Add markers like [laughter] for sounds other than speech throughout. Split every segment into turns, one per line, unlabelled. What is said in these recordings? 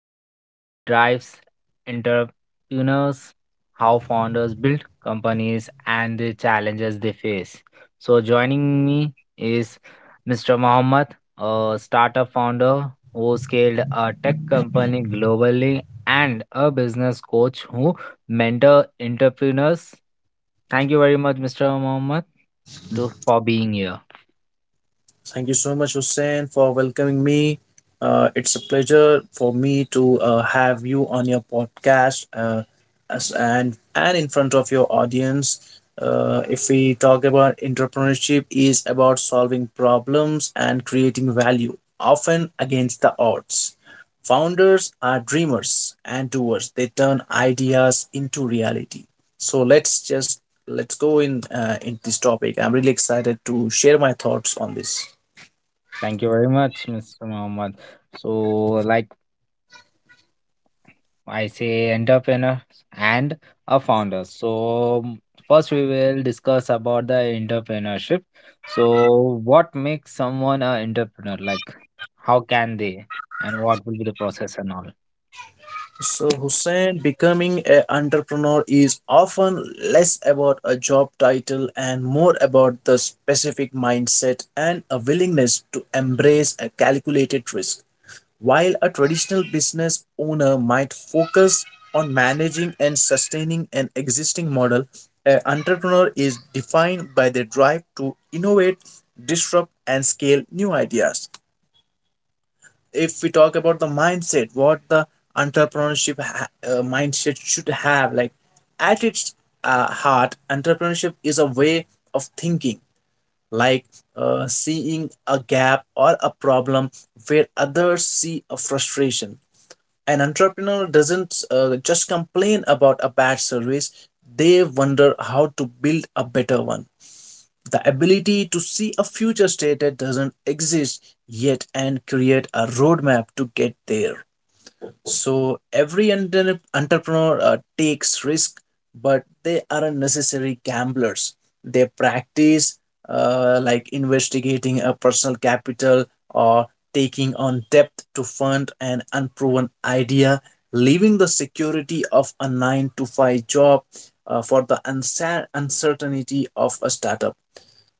the drives entrepreneurs, how founders build companies, and the challenges they face. So, joining me is Mr. Mohammed, a startup founder who scaled a tech company globally, and a business coach who mentor entrepreneurs. Thank you very much, Mr. Mohammed, for being here.
Thank you so much, Hussein, for welcoming me. It's a pleasure for me to have you on your podcast as, and in front of your audience. If we talk about entrepreneurship, is about solving problems and creating value, often against the odds. Founders are dreamers and doers. They turn ideas into reality. So let's go in this topic. I'm really excited to share my thoughts on this.
Thank you very much, Mr. Mohammed. So, like I say entrepreneur and a founder. First we will discuss about the entrepreneurship. So what makes someone an entrepreneur? Like how can they, and what will be the process and all?
So Hussein, becoming an entrepreneur is often less about a job title and more about the specific mindset and a willingness to embrace a calculated risk. While a traditional business owner might focus on managing and sustaining an existing model, an entrepreneur is defined by their drive to innovate, disrupt, and scale new ideas. If we talk about the mindset, what the entrepreneurship mindset should have, like at its heart, entrepreneurship is a way of thinking, like seeing a gap or a problem where others see a frustration. An entrepreneur doesn't just complain about a bad service, they wonder how to build a better one. The ability to see a future state that doesn't exist yet and create a roadmap to get there. So every entrepreneur takes risk, but they aren't necessary gamblers. They practice, like investigating a personal capital or taking on debt to fund an unproven idea, leaving the security of a 9 to 5 job for the uncertainty of a startup.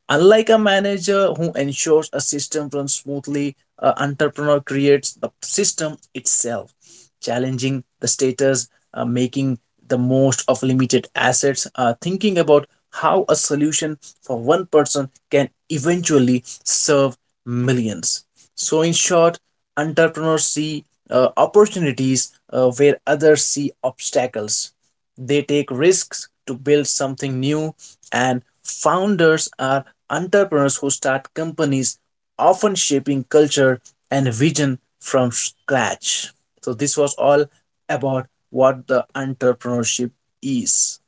Unlike a manager who ensures a system runs smoothly, an entrepreneur creates the system itself, challenging the status, making the most of limited assets, thinking about how a solution for one person can eventually serve millions. So, in short, entrepreneurs see opportunities where others see obstacles. They take risks to build something new, and founders are entrepreneurs who start companies, often shaping culture and vision from scratch. So, this was all about what the entrepreneurship is.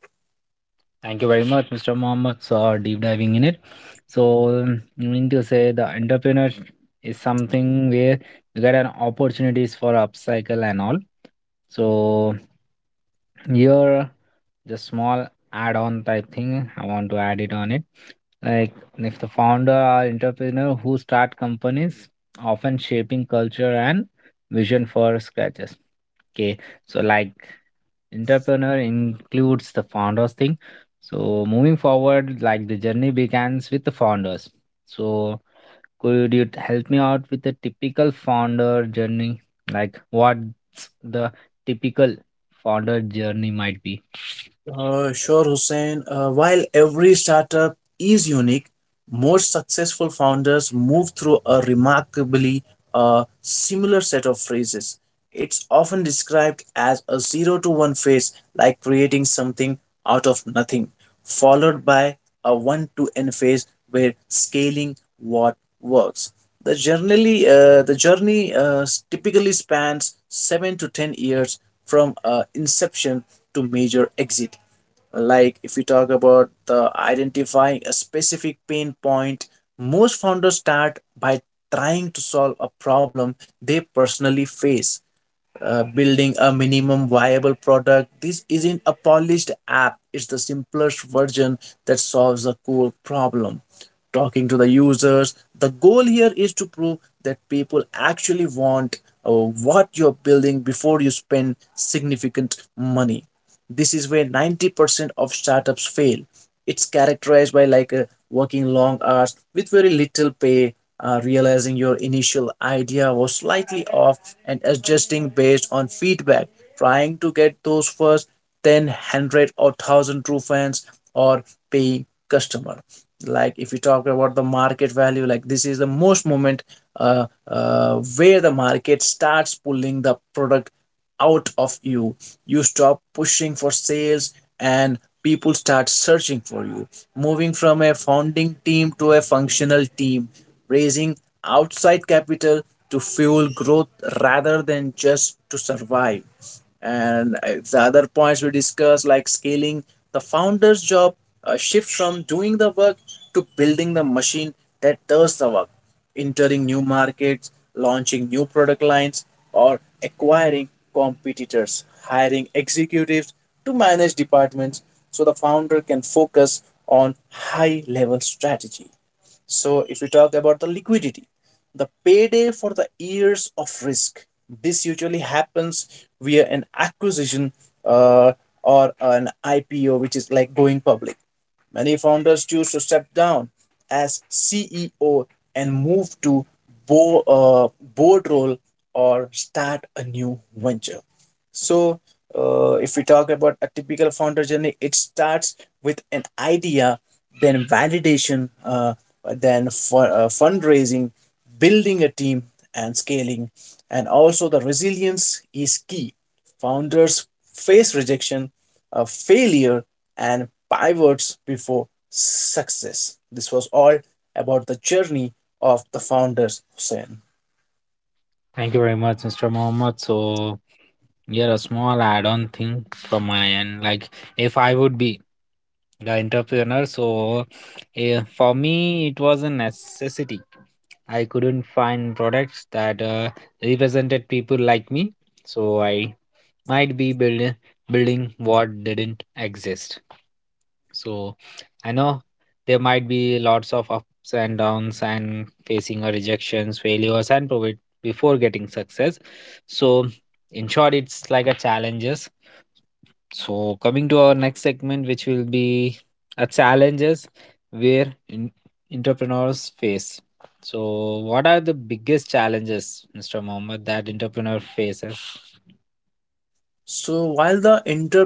Thank you very much, Mr. Mohammed, for deep diving in it. So you mean to say the entrepreneur is something where you get an opportunities for upcycle and all. So here, just small add-on type thing. I want to add it on it. Like, if the founder or entrepreneur who start companies, often shaping culture and vision for scratches. Okay, so like entrepreneur includes the founders thing. So moving forward, like the journey begins with the founders. So could you help me out with the typical founder journey? Like, what's the typical founder journey might be?
Sure, Hussein. While every startup is unique, most successful founders move through a remarkably similar set of phases. It's often described as a zero to one phase, like creating something out of nothing, followed by a one to n phase where scaling what works. The journey typically spans 7 to 10 years from inception to major exit. Like if we talk about the identifying a specific pain point, most founders start by trying to solve a problem they personally face, building a minimum viable product. This isn't a polished app, it's the simplest version that solves a core problem. Talking to the users, the goal here is to prove that people actually want what you're building before you spend significant money. This is where 90% of startups fail. It's characterized by like a working long hours with very little pay, realizing your initial idea was slightly off and adjusting based on feedback, trying to get those first ten hundred or 1000 true fans or paying customer. Like if you talk about the market value, like this is the most moment, where the market starts pulling the product out of you. You stop pushing for sales and people start searching for you. Moving from a founding team to a functional team, raising outside capital to fuel growth rather than just to survive. And the other points we discussed, like scaling, the founder's job shifts from doing the work to building the machine that does the work, entering new markets, launching new product lines, or acquiring competitors, hiring executives to manage departments so the founder can focus on high level strategy. So, if we talk about the liquidity, the payday for the years of risk, this usually happens via an acquisition, uh, or an IPO, which is like going public. Many founders choose to step down as CEO and move to board role or start a new venture. So, if we talk about a typical founder journey, it starts with an idea, then validation, then fundraising, building a team, and scaling. And also, the resilience is key. Founders face rejection, failure, and pivots before success. This was all about the journey of the founders, Hussein.
Thank you very much, Mr. Mohammed. So, yeah, a small add on thing from my end. Like, if I would be the entrepreneur, so for me, it was a necessity. I couldn't find products that represented people like me. So, I might be building what didn't exist. So I know there might be lots of ups and downs and facing a rejections, failures and profit before getting success. So in short, it's like a challenges. So coming to our next segment, which will be a challenges where in, entrepreneurs face. So what are the biggest challenges, Mr. Mohammed, that entrepreneur faces?
So while the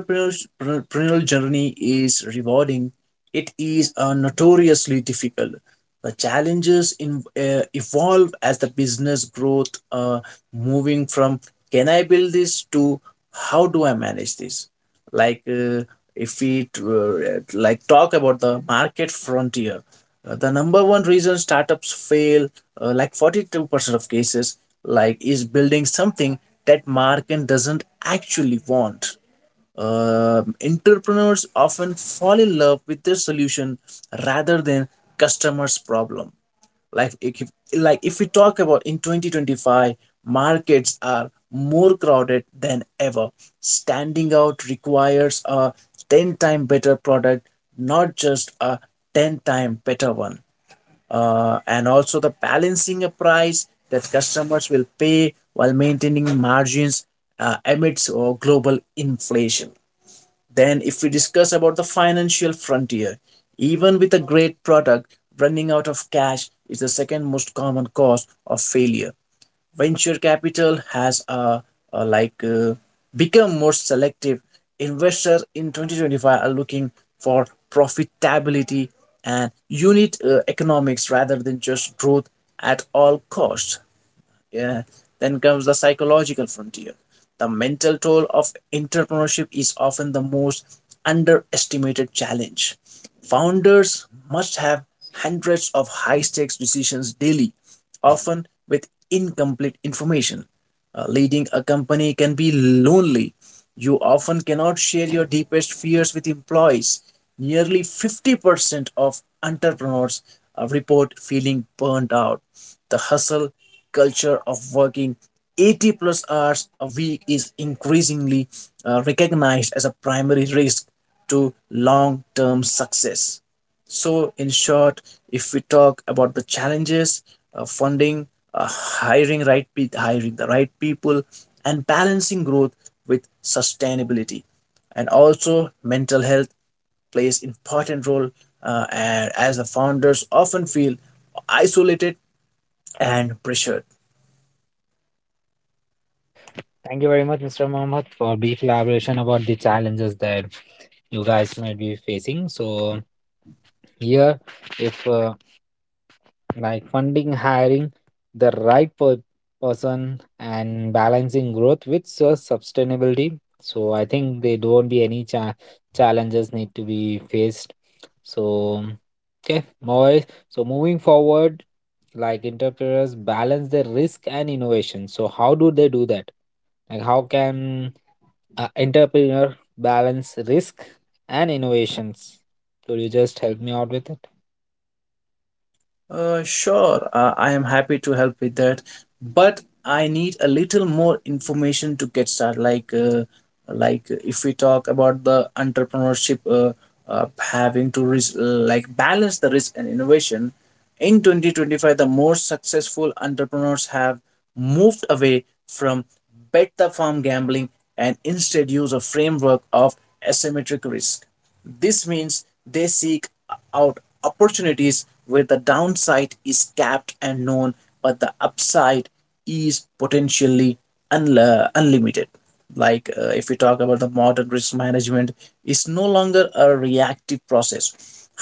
entrepreneurial journey is rewarding, it is notoriously difficult. The challenges evolve as the business growth, moving from can I build this to how do I manage this? Like if we talk about the market frontier, the number one reason startups fail, like 42% of cases, like is building something that market doesn't actually want. Entrepreneurs often fall in love with their solution rather than customers' problem. Like if we talk about in 2025, markets are more crowded than ever. Standing out requires a 10 time better product, not just a 10 time better one. And also the balancing a price that customers will pay while maintaining margins amidst global inflation. Then, if we discuss about the financial frontier, even with a great product, running out of cash is the second most common cause of failure. Venture capital has a like become more selective. Investors in 2025 are looking for profitability and unit economics rather than just growth at all costs. Yeah. Then comes the psychological frontier. The mental toll of entrepreneurship is often the most underestimated challenge. Founders must have hundreds of high stakes decisions daily, often with incomplete information. Leading a company can be lonely. You often cannot share your deepest fears with employees. Nearly 50% of entrepreneurs report feeling burnt out. The hustle culture of working 80 plus hours a week is increasingly recognized as a primary risk to long term success. So, in short, if we talk about the challenges, funding, hiring the right people, and balancing growth with sustainability, and also mental health plays important role, and as the founders often feel isolated and pressured.
Thank you very much, Mr. Mohammed, for brief elaboration about the challenges that you guys might be facing. So here, if like funding, hiring the right person, and balancing growth with sustainability. So I think they don't be any challenges need to be faced. So okay, more, so moving forward, like entrepreneurs balance their risk and innovation. So how do they do that? Like, how can entrepreneur balance risk and innovations. Could you just help me out with it?
Sure, I am happy to help with that, but I need a little more information to get started. Like, if we talk about the entrepreneurship, having to risk, like balance the risk and innovation. In 2025, the most successful entrepreneurs have moved away from bet the farm gambling and instead use a framework of asymmetric risk. This means they seek out opportunities where the downside is capped and known, but the upside is potentially unla unlimited. Like if we talk about the modern risk management, is no longer a reactive process.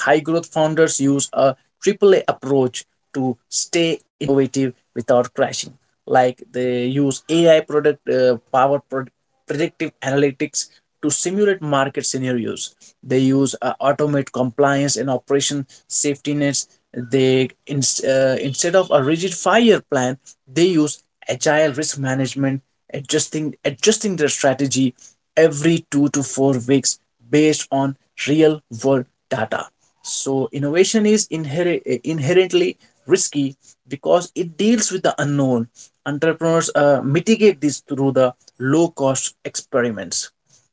High growth founders use a triple A approach to stay innovative without crashing. Like they use AI product powered predictive analytics to simulate market scenarios. They use automate compliance and operation safety nets. Instead of a rigid 5-year plan, they use agile risk management, adjusting their strategy every 2 to 4 weeks based on real-world data. So innovation is inherently risky because it deals with the unknown. Entrepreneurs mitigate this through the low cost experiments.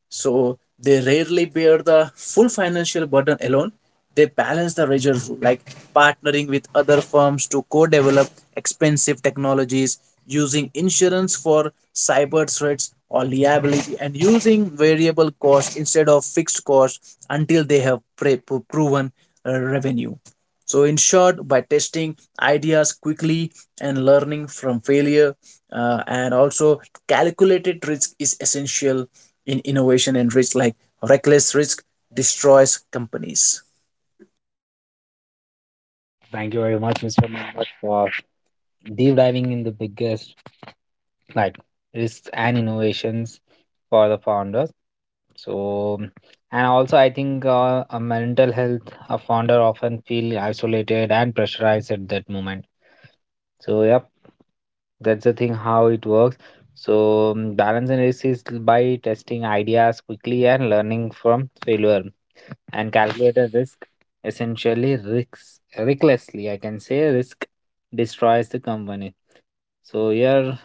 So they rarely bear the full financial burden alone. They balance the razor rule, like partnering with other firms to co develop expensive technologies, using insurance for cyber threats or liability, and using variable cost instead of fixed cost until they have proven revenue. So, in short, by testing ideas quickly and learning from failure, and also calculated risk is essential in innovation and risk, like reckless risk destroys companies.
Thank you very much, Mr. Mohammed, for deep diving in the biggest right risks and innovations for the founders. So, and also I think a mental health, a founder often feel isolated and pressurized at that moment. So yep, that's the thing how it works. So balance and risk is by testing ideas quickly and learning from failure, and calculate risk, essentially risks recklessly. I can say risk destroys the company. So here,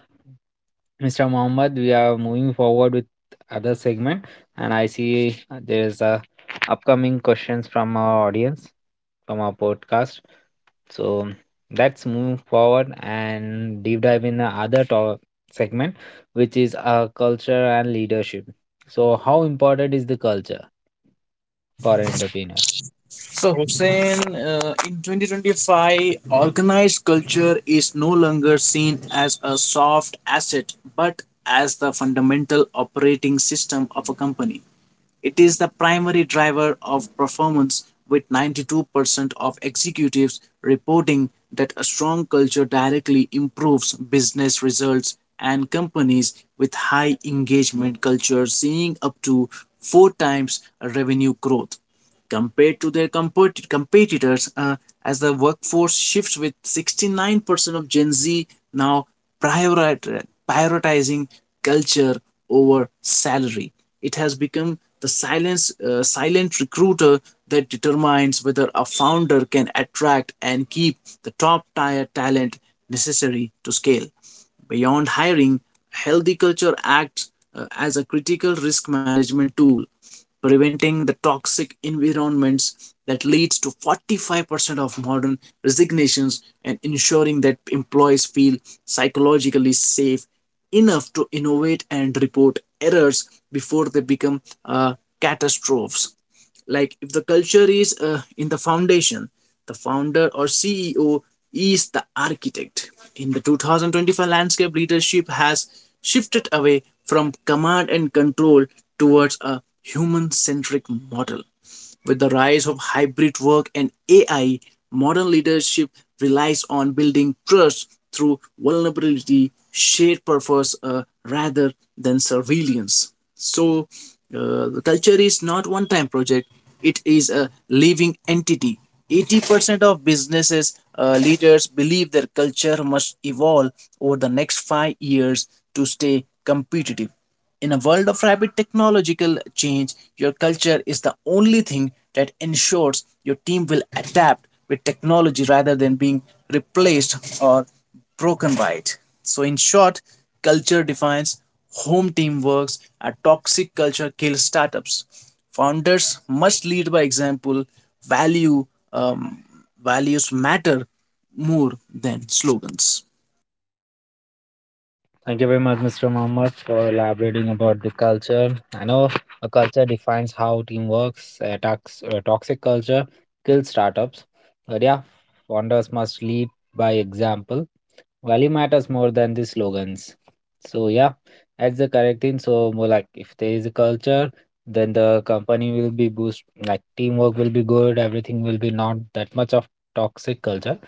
Mr. Mohammed, we are moving forward with other segment, and I see there is a upcoming questions from our audience, from our podcast. So let's move forward and deep dive in the other segment, which is culture and leadership. So, how important is the culture for an entrepreneur?
So, Hussein, in 2025, organized culture is no longer seen as a soft asset but as the fundamental operating system of a company. It is the primary driver of performance, with 92% of executives reporting that a strong culture directly improves business results, and companies with high engagement culture seeing up to four times revenue growth compared to their competitors, as the workforce shifts with 69% of gen z now priorit- prioritizing culture over salary. It has become the silent recruiter that determines whether a founder can attract and keep the top tier talent necessary to scale. Beyond hiring, healthy culture acts as a critical risk management tool, preventing the toxic environments that leads to 45% of modern resignations and ensuring that employees feel psychologically safe enough to innovate and report errors before they become catastrophes. Like if the culture is in the foundation, the founder or CEO is the architect. In the 2025 landscape, leadership has shifted away from command and control towards a human centric model. With the rise of hybrid work and AI, modern leadership relies on building trust through vulnerability, shared purpose, rather than surveillance. So, the culture is not one time project, it is a living entity. 80% of businesses leaders believe their culture must evolve over the next 5 years to stay competitive. In a world of rapid technological change, your culture is the only thing that ensures your team will adapt with technology rather than being replaced or broken by it. So, in short, culture defines home team works. A toxic culture kills startups. Founders must lead by example, value, um, values matter more than slogans.
Thank you very much, Mr. Mohammed, for elaborating about the culture. I know a culture defines how team works. A toxic culture kills startups. But yeah, founders must lead by example. Value matters more than the slogans. So yeah, that's the correct thing. So more, like if there is a culture, then the company will be boost. Like teamwork will be good. Everything will be not that much of toxic culture.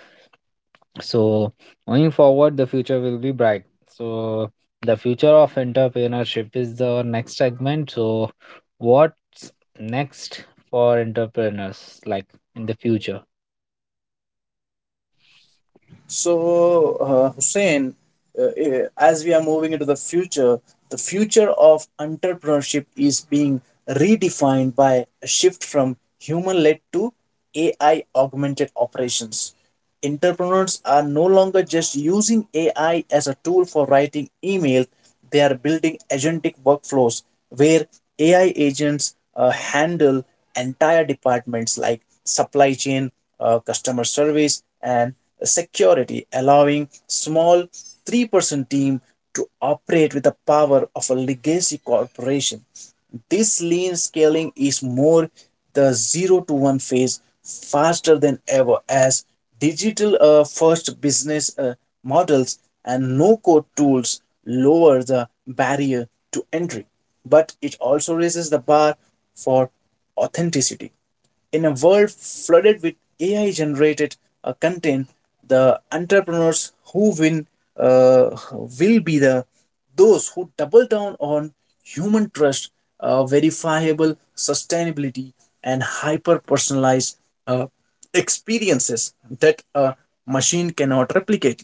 So going forward, the future will be bright. So the future of entrepreneurship is the next segment. So what's next for entrepreneurs, like in the future?
So, Hussein, as we are moving into the future of entrepreneurship is being redefined by a shift from human led to AI augmented operations. Entrepreneurs are no longer just using AI as a tool for writing emails, they are building agentic workflows where AI agents handle entire departments like supply chain, customer service, and security, allowing small three-person team to operate with the power of a legacy corporation. This lean scaling is more the zero to one phase faster than ever as digital first business models and no code tools lower the barrier to entry, but it also raises the bar for authenticity. In a world flooded with AI generated content, the entrepreneurs who win will be the those who double down on human trust, verifiable sustainability, and hyper personalized uh, experiences that a machine cannot replicate.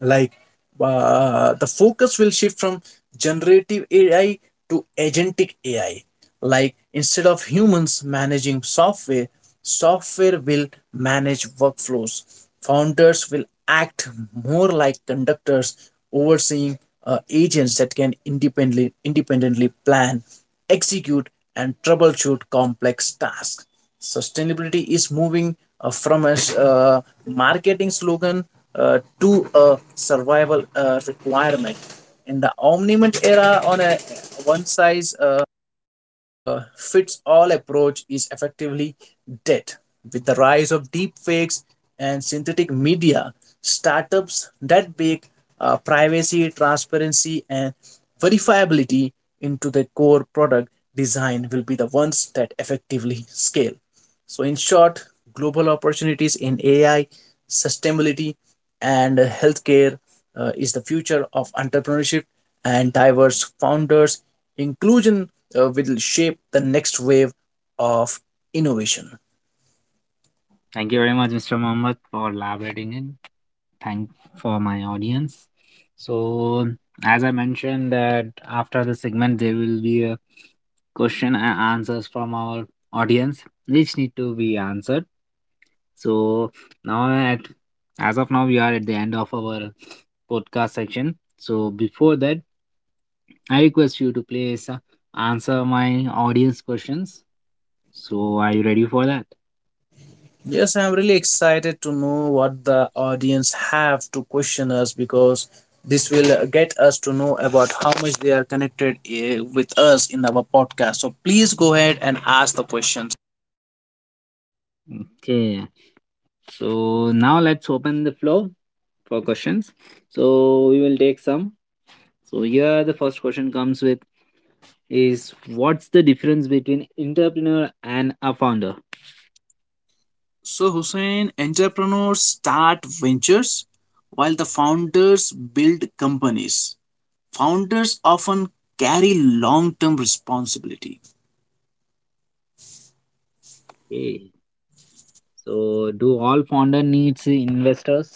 Like, the focus will shift from generative ai to agentic ai. Like instead of humans managing software, software will manage workflows. Founders will act more like conductors overseeing agents that can independently plan, execute, and troubleshoot complex tasks. Sustainability is moving from a marketing slogan to a survival requirement. In the omniment era, on a one size fits all approach is effectively dead. With the rise of deep fakes and synthetic media, startups that bake privacy, transparency, and verifiability into the core product design will be the ones that effectively scale. So, in short, global opportunities in AI, sustainability, and healthcare is the future of entrepreneurship, and diverse founders. Inclusion will shape the next wave of innovation.
Thank you very much, Mr. Mohammed, for elaborating in. Thank for my audience. So as I mentioned that after the segment there will be a question and answers from our audience which need to be answered. So now at, as of now, we are at the end of our podcast section. So before that, I request you to please answer my audience questions. So are you ready for that?
Yes, I'm really excited to know what the audience have to question us, because this will get us to know about how much they are connected with us in our podcast. So please go ahead and ask the question.
Okay. So now let's open the floor for questions. So we will take some. So here the first question comes with is, what's the difference between entrepreneur and a founder?
So, Hussein, entrepreneurs start ventures while the founders build companies. Founders often carry long term responsibility.
Okay. So do all founder needs investors?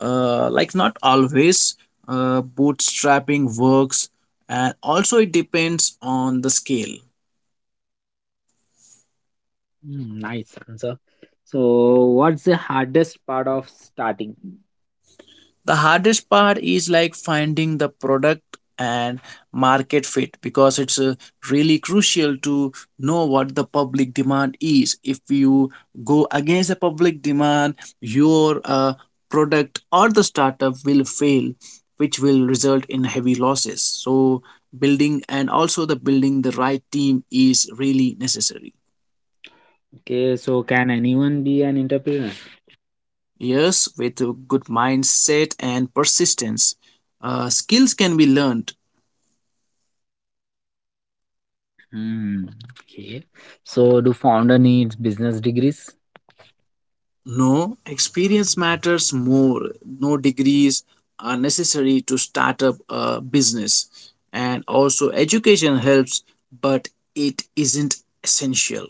Not always, bootstrapping works, and also it depends on the scale.
Hmm, nice answer. So what's the hardest part of starting?
The hardest part is like finding the product and market fit, because it's really crucial to know what the public demand is. If you go against the public demand, your product or the startup will fail, which will result in heavy losses. So building, and also the building the right team is really necessary.
Okay, so can anyone be an entrepreneur?
Yes, with a good mindset and persistence, skills can be learned.
Hmm. Okay. So do founder needs business degrees?
No, experience matters more. No degrees are necessary to start up a business. And also, education helps, but it isn't essential.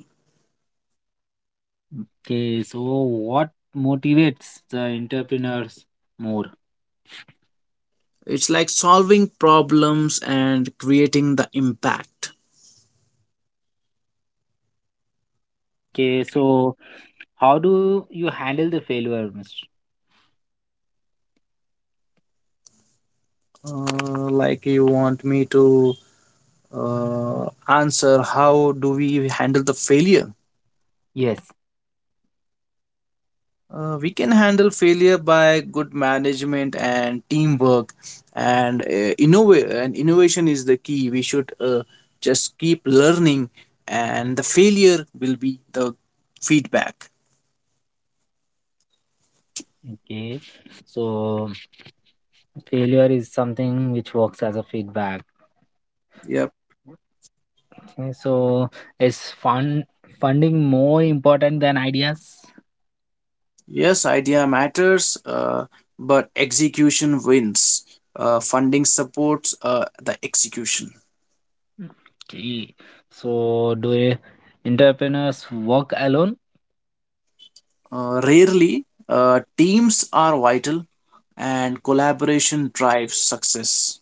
Okay, so what motivates the entrepreneurs more?
It's like solving problems and creating the impact.
Okay, so how do you handle the failure, Mr.?
You want me to answer how do we handle the failure?
Yes,
We can handle failure by good management and teamwork, and innovation is the key. We should just keep learning, and the failure will be the feedback.
okay. So failure is something which works as a feedback.
Yep.
Okay, so is funding more important than ideas?
Yes, idea matters, but execution wins. Funding supports the execution.
Okay. So do entrepreneurs work alone?
Rarely, teams are vital, and collaboration drives success.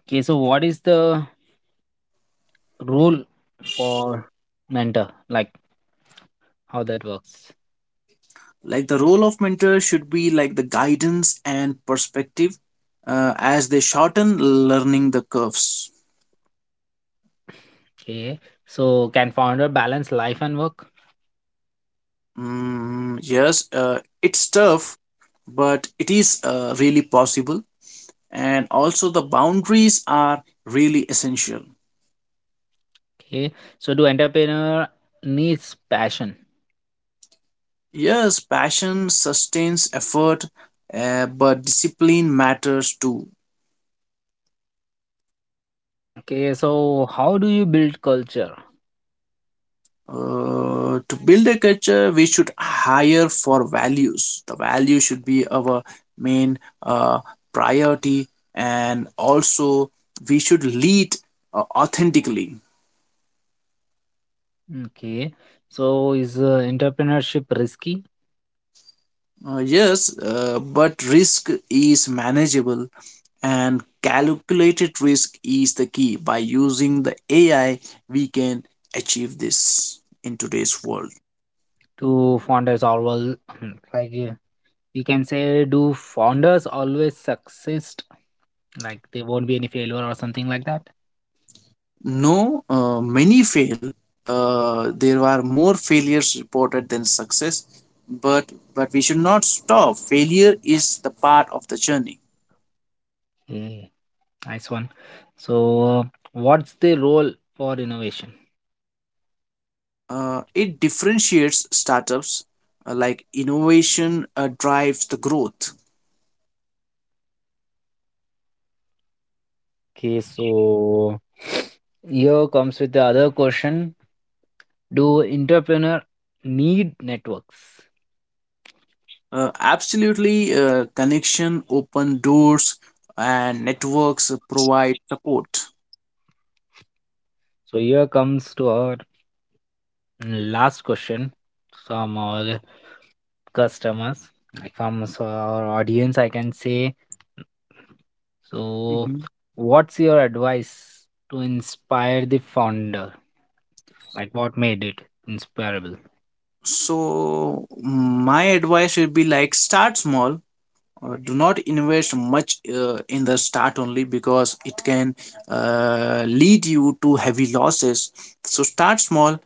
Okay, so what is the role for mentor? Like how that works?
Like the role of mentor should be like the guidance and perspective, as they shorten learning the curves.
Okay. So can founder balance life and work?
Mm, yes, it's tough, but it is really possible. And also, the boundaries are really essential.
Okay. So do entrepreneur needs passion?
Yes, passion sustains effort, but discipline matters too.
Okay. So how do you build culture?
To build a culture, we should hire for values. The value should be our main priority, and also we should lead authentically.
Okay. So is entrepreneurship risky?
Yes, but risk is manageable, and calculated risk is the key. By using the AI, we can achieve this in today's world.
Do founders always [clears throat] like we can say, do founders always succeed? Like there won't be any failure or something like that?
No, many fail. There are more failures reported than success, but we should not stop. Failure is the part of the journey.
Okay. Nice one. So what's the role for innovation?
It differentiates startups. Like innovation drives the growth.
Okay, so here comes with the other question. Do entrepreneur need networks?
Absolutely, connection open doors and networks provide support.
So here comes to our last question from our customers, like from our audience, I can say. So what's your advice to inspire the founder? Like what made it inspirable?
So my advice would be like start small. Do not invest much in the start only, because it can lead you to heavy losses. So start small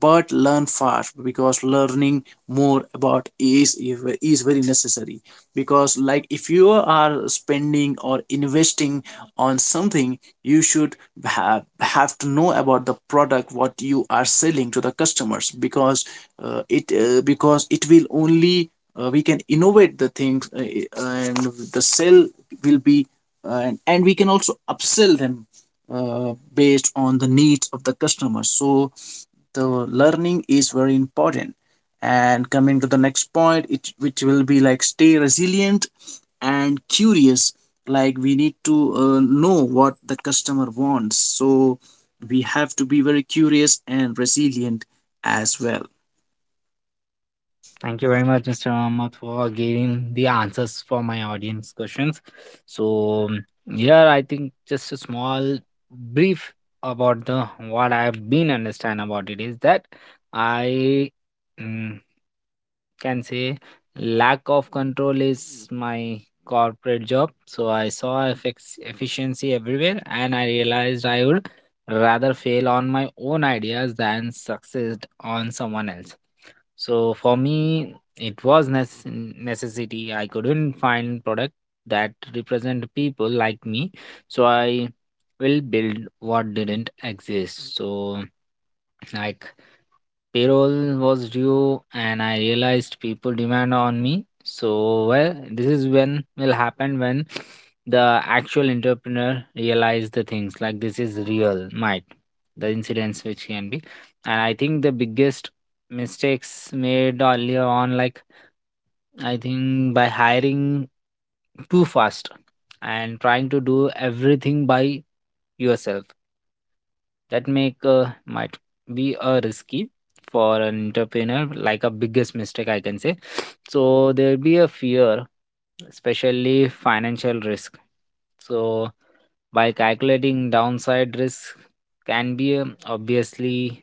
but learn fast, because learning more about is very necessary, because like if you are spending or investing on something, you should have to know about the product what you are selling to the customers, because it will only we can innovate the things and the sell will be and we can also upsell them based on the needs of the customer. So the learning is very important. And coming to the next point, it which will be like stay resilient and curious, like we need to know what the customer wants, so we have to be very curious and resilient as well.
Thank you very much, Mr. Ahmad, for giving the answers for my audience questions. So here, I think just a small brief about the what I've been understand about it is that I, mm, can say, lack of control is my corporate job. So I saw effects efficiency everywhere, and I realized I would rather fail on my own ideas than succeed on someone else. So for me, it was necessity. I couldn't find product that represent people like me, so I will build what didn't exist. So like, payroll was due and I realized people demand on me. So well, this is when will happen, when the actual entrepreneur realize the things like this is real, might the incidents which can be. And I think the biggest mistakes made earlier on, like I think by hiring too fast and trying to do everything by yourself, that make might be a risky for an entrepreneur, like a biggest mistake I can say. [sniffs] So there'll be a fear, especially financial risk. So by calculating downside risk can be obviously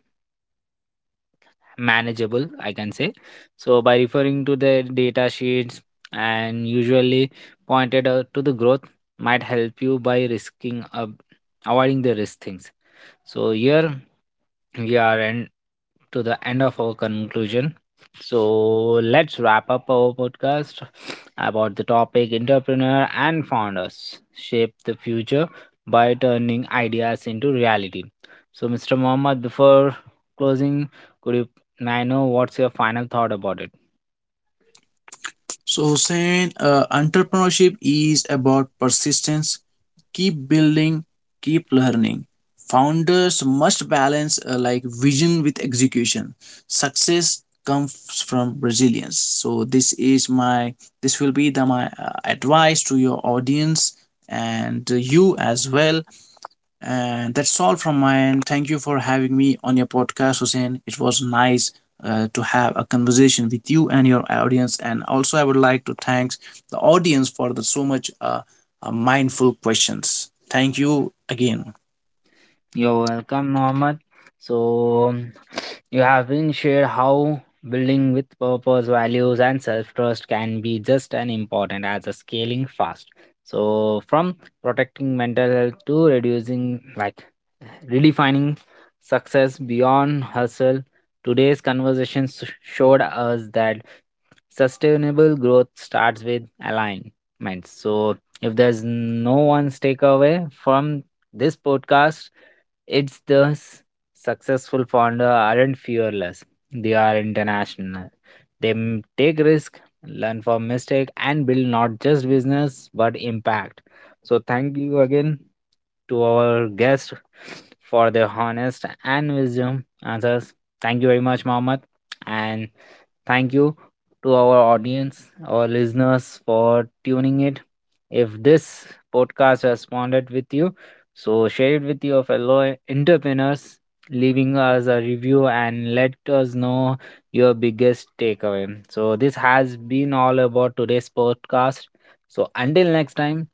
manageable, I can say. So by referring to the data sheets and usually pointed out to the growth might help you by risking avoiding the risk things. So here we are in to the end of our conclusion. So let's wrap up our podcast about the topic entrepreneur and founders shape the future by turning ideas into reality. So Mr. Mohammed, before closing, could you, may I know what's your final thought about it?
So, Hussein, entrepreneurship is about persistence. Keep building, keep learning. Founders must balance vision with execution. Success comes from resilience. So, this is my this will be the my advice to your audience and you as well. And that's all from my end. Thank you for having me on your podcast, Hussein. It was nice to have a conversation with you and your audience. And also, I would like to thank the audience for the so much mindful questions. Thank you again.
You're welcome, Mohammed. So, you have been shared how building with purpose, values, and self trust can be just as important as a scaling fast. So, from protecting mental health to reducing, like, redefining success beyond hustle, today's conversations showed us that sustainable growth starts with alignment. So, if there's no one's takeaway from this podcast, it's thus successful founder aren't fearless. They are international. They take risk, learn from mistake, and build not just business but impact. So thank you again to our guest for their honest and wisdom answers. Thank you very much, Mohammed, and thank you to our audience, our listeners for tuning it. If this podcast responded with you, so share it with your fellow entrepreneurs, leaving us a review and let us know your biggest takeaway. So this has been all about today's podcast. So until next time,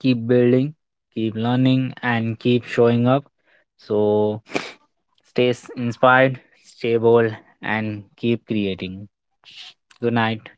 keep building, keep learning and keep showing up. So stay inspired, stay bold and keep creating. Good night.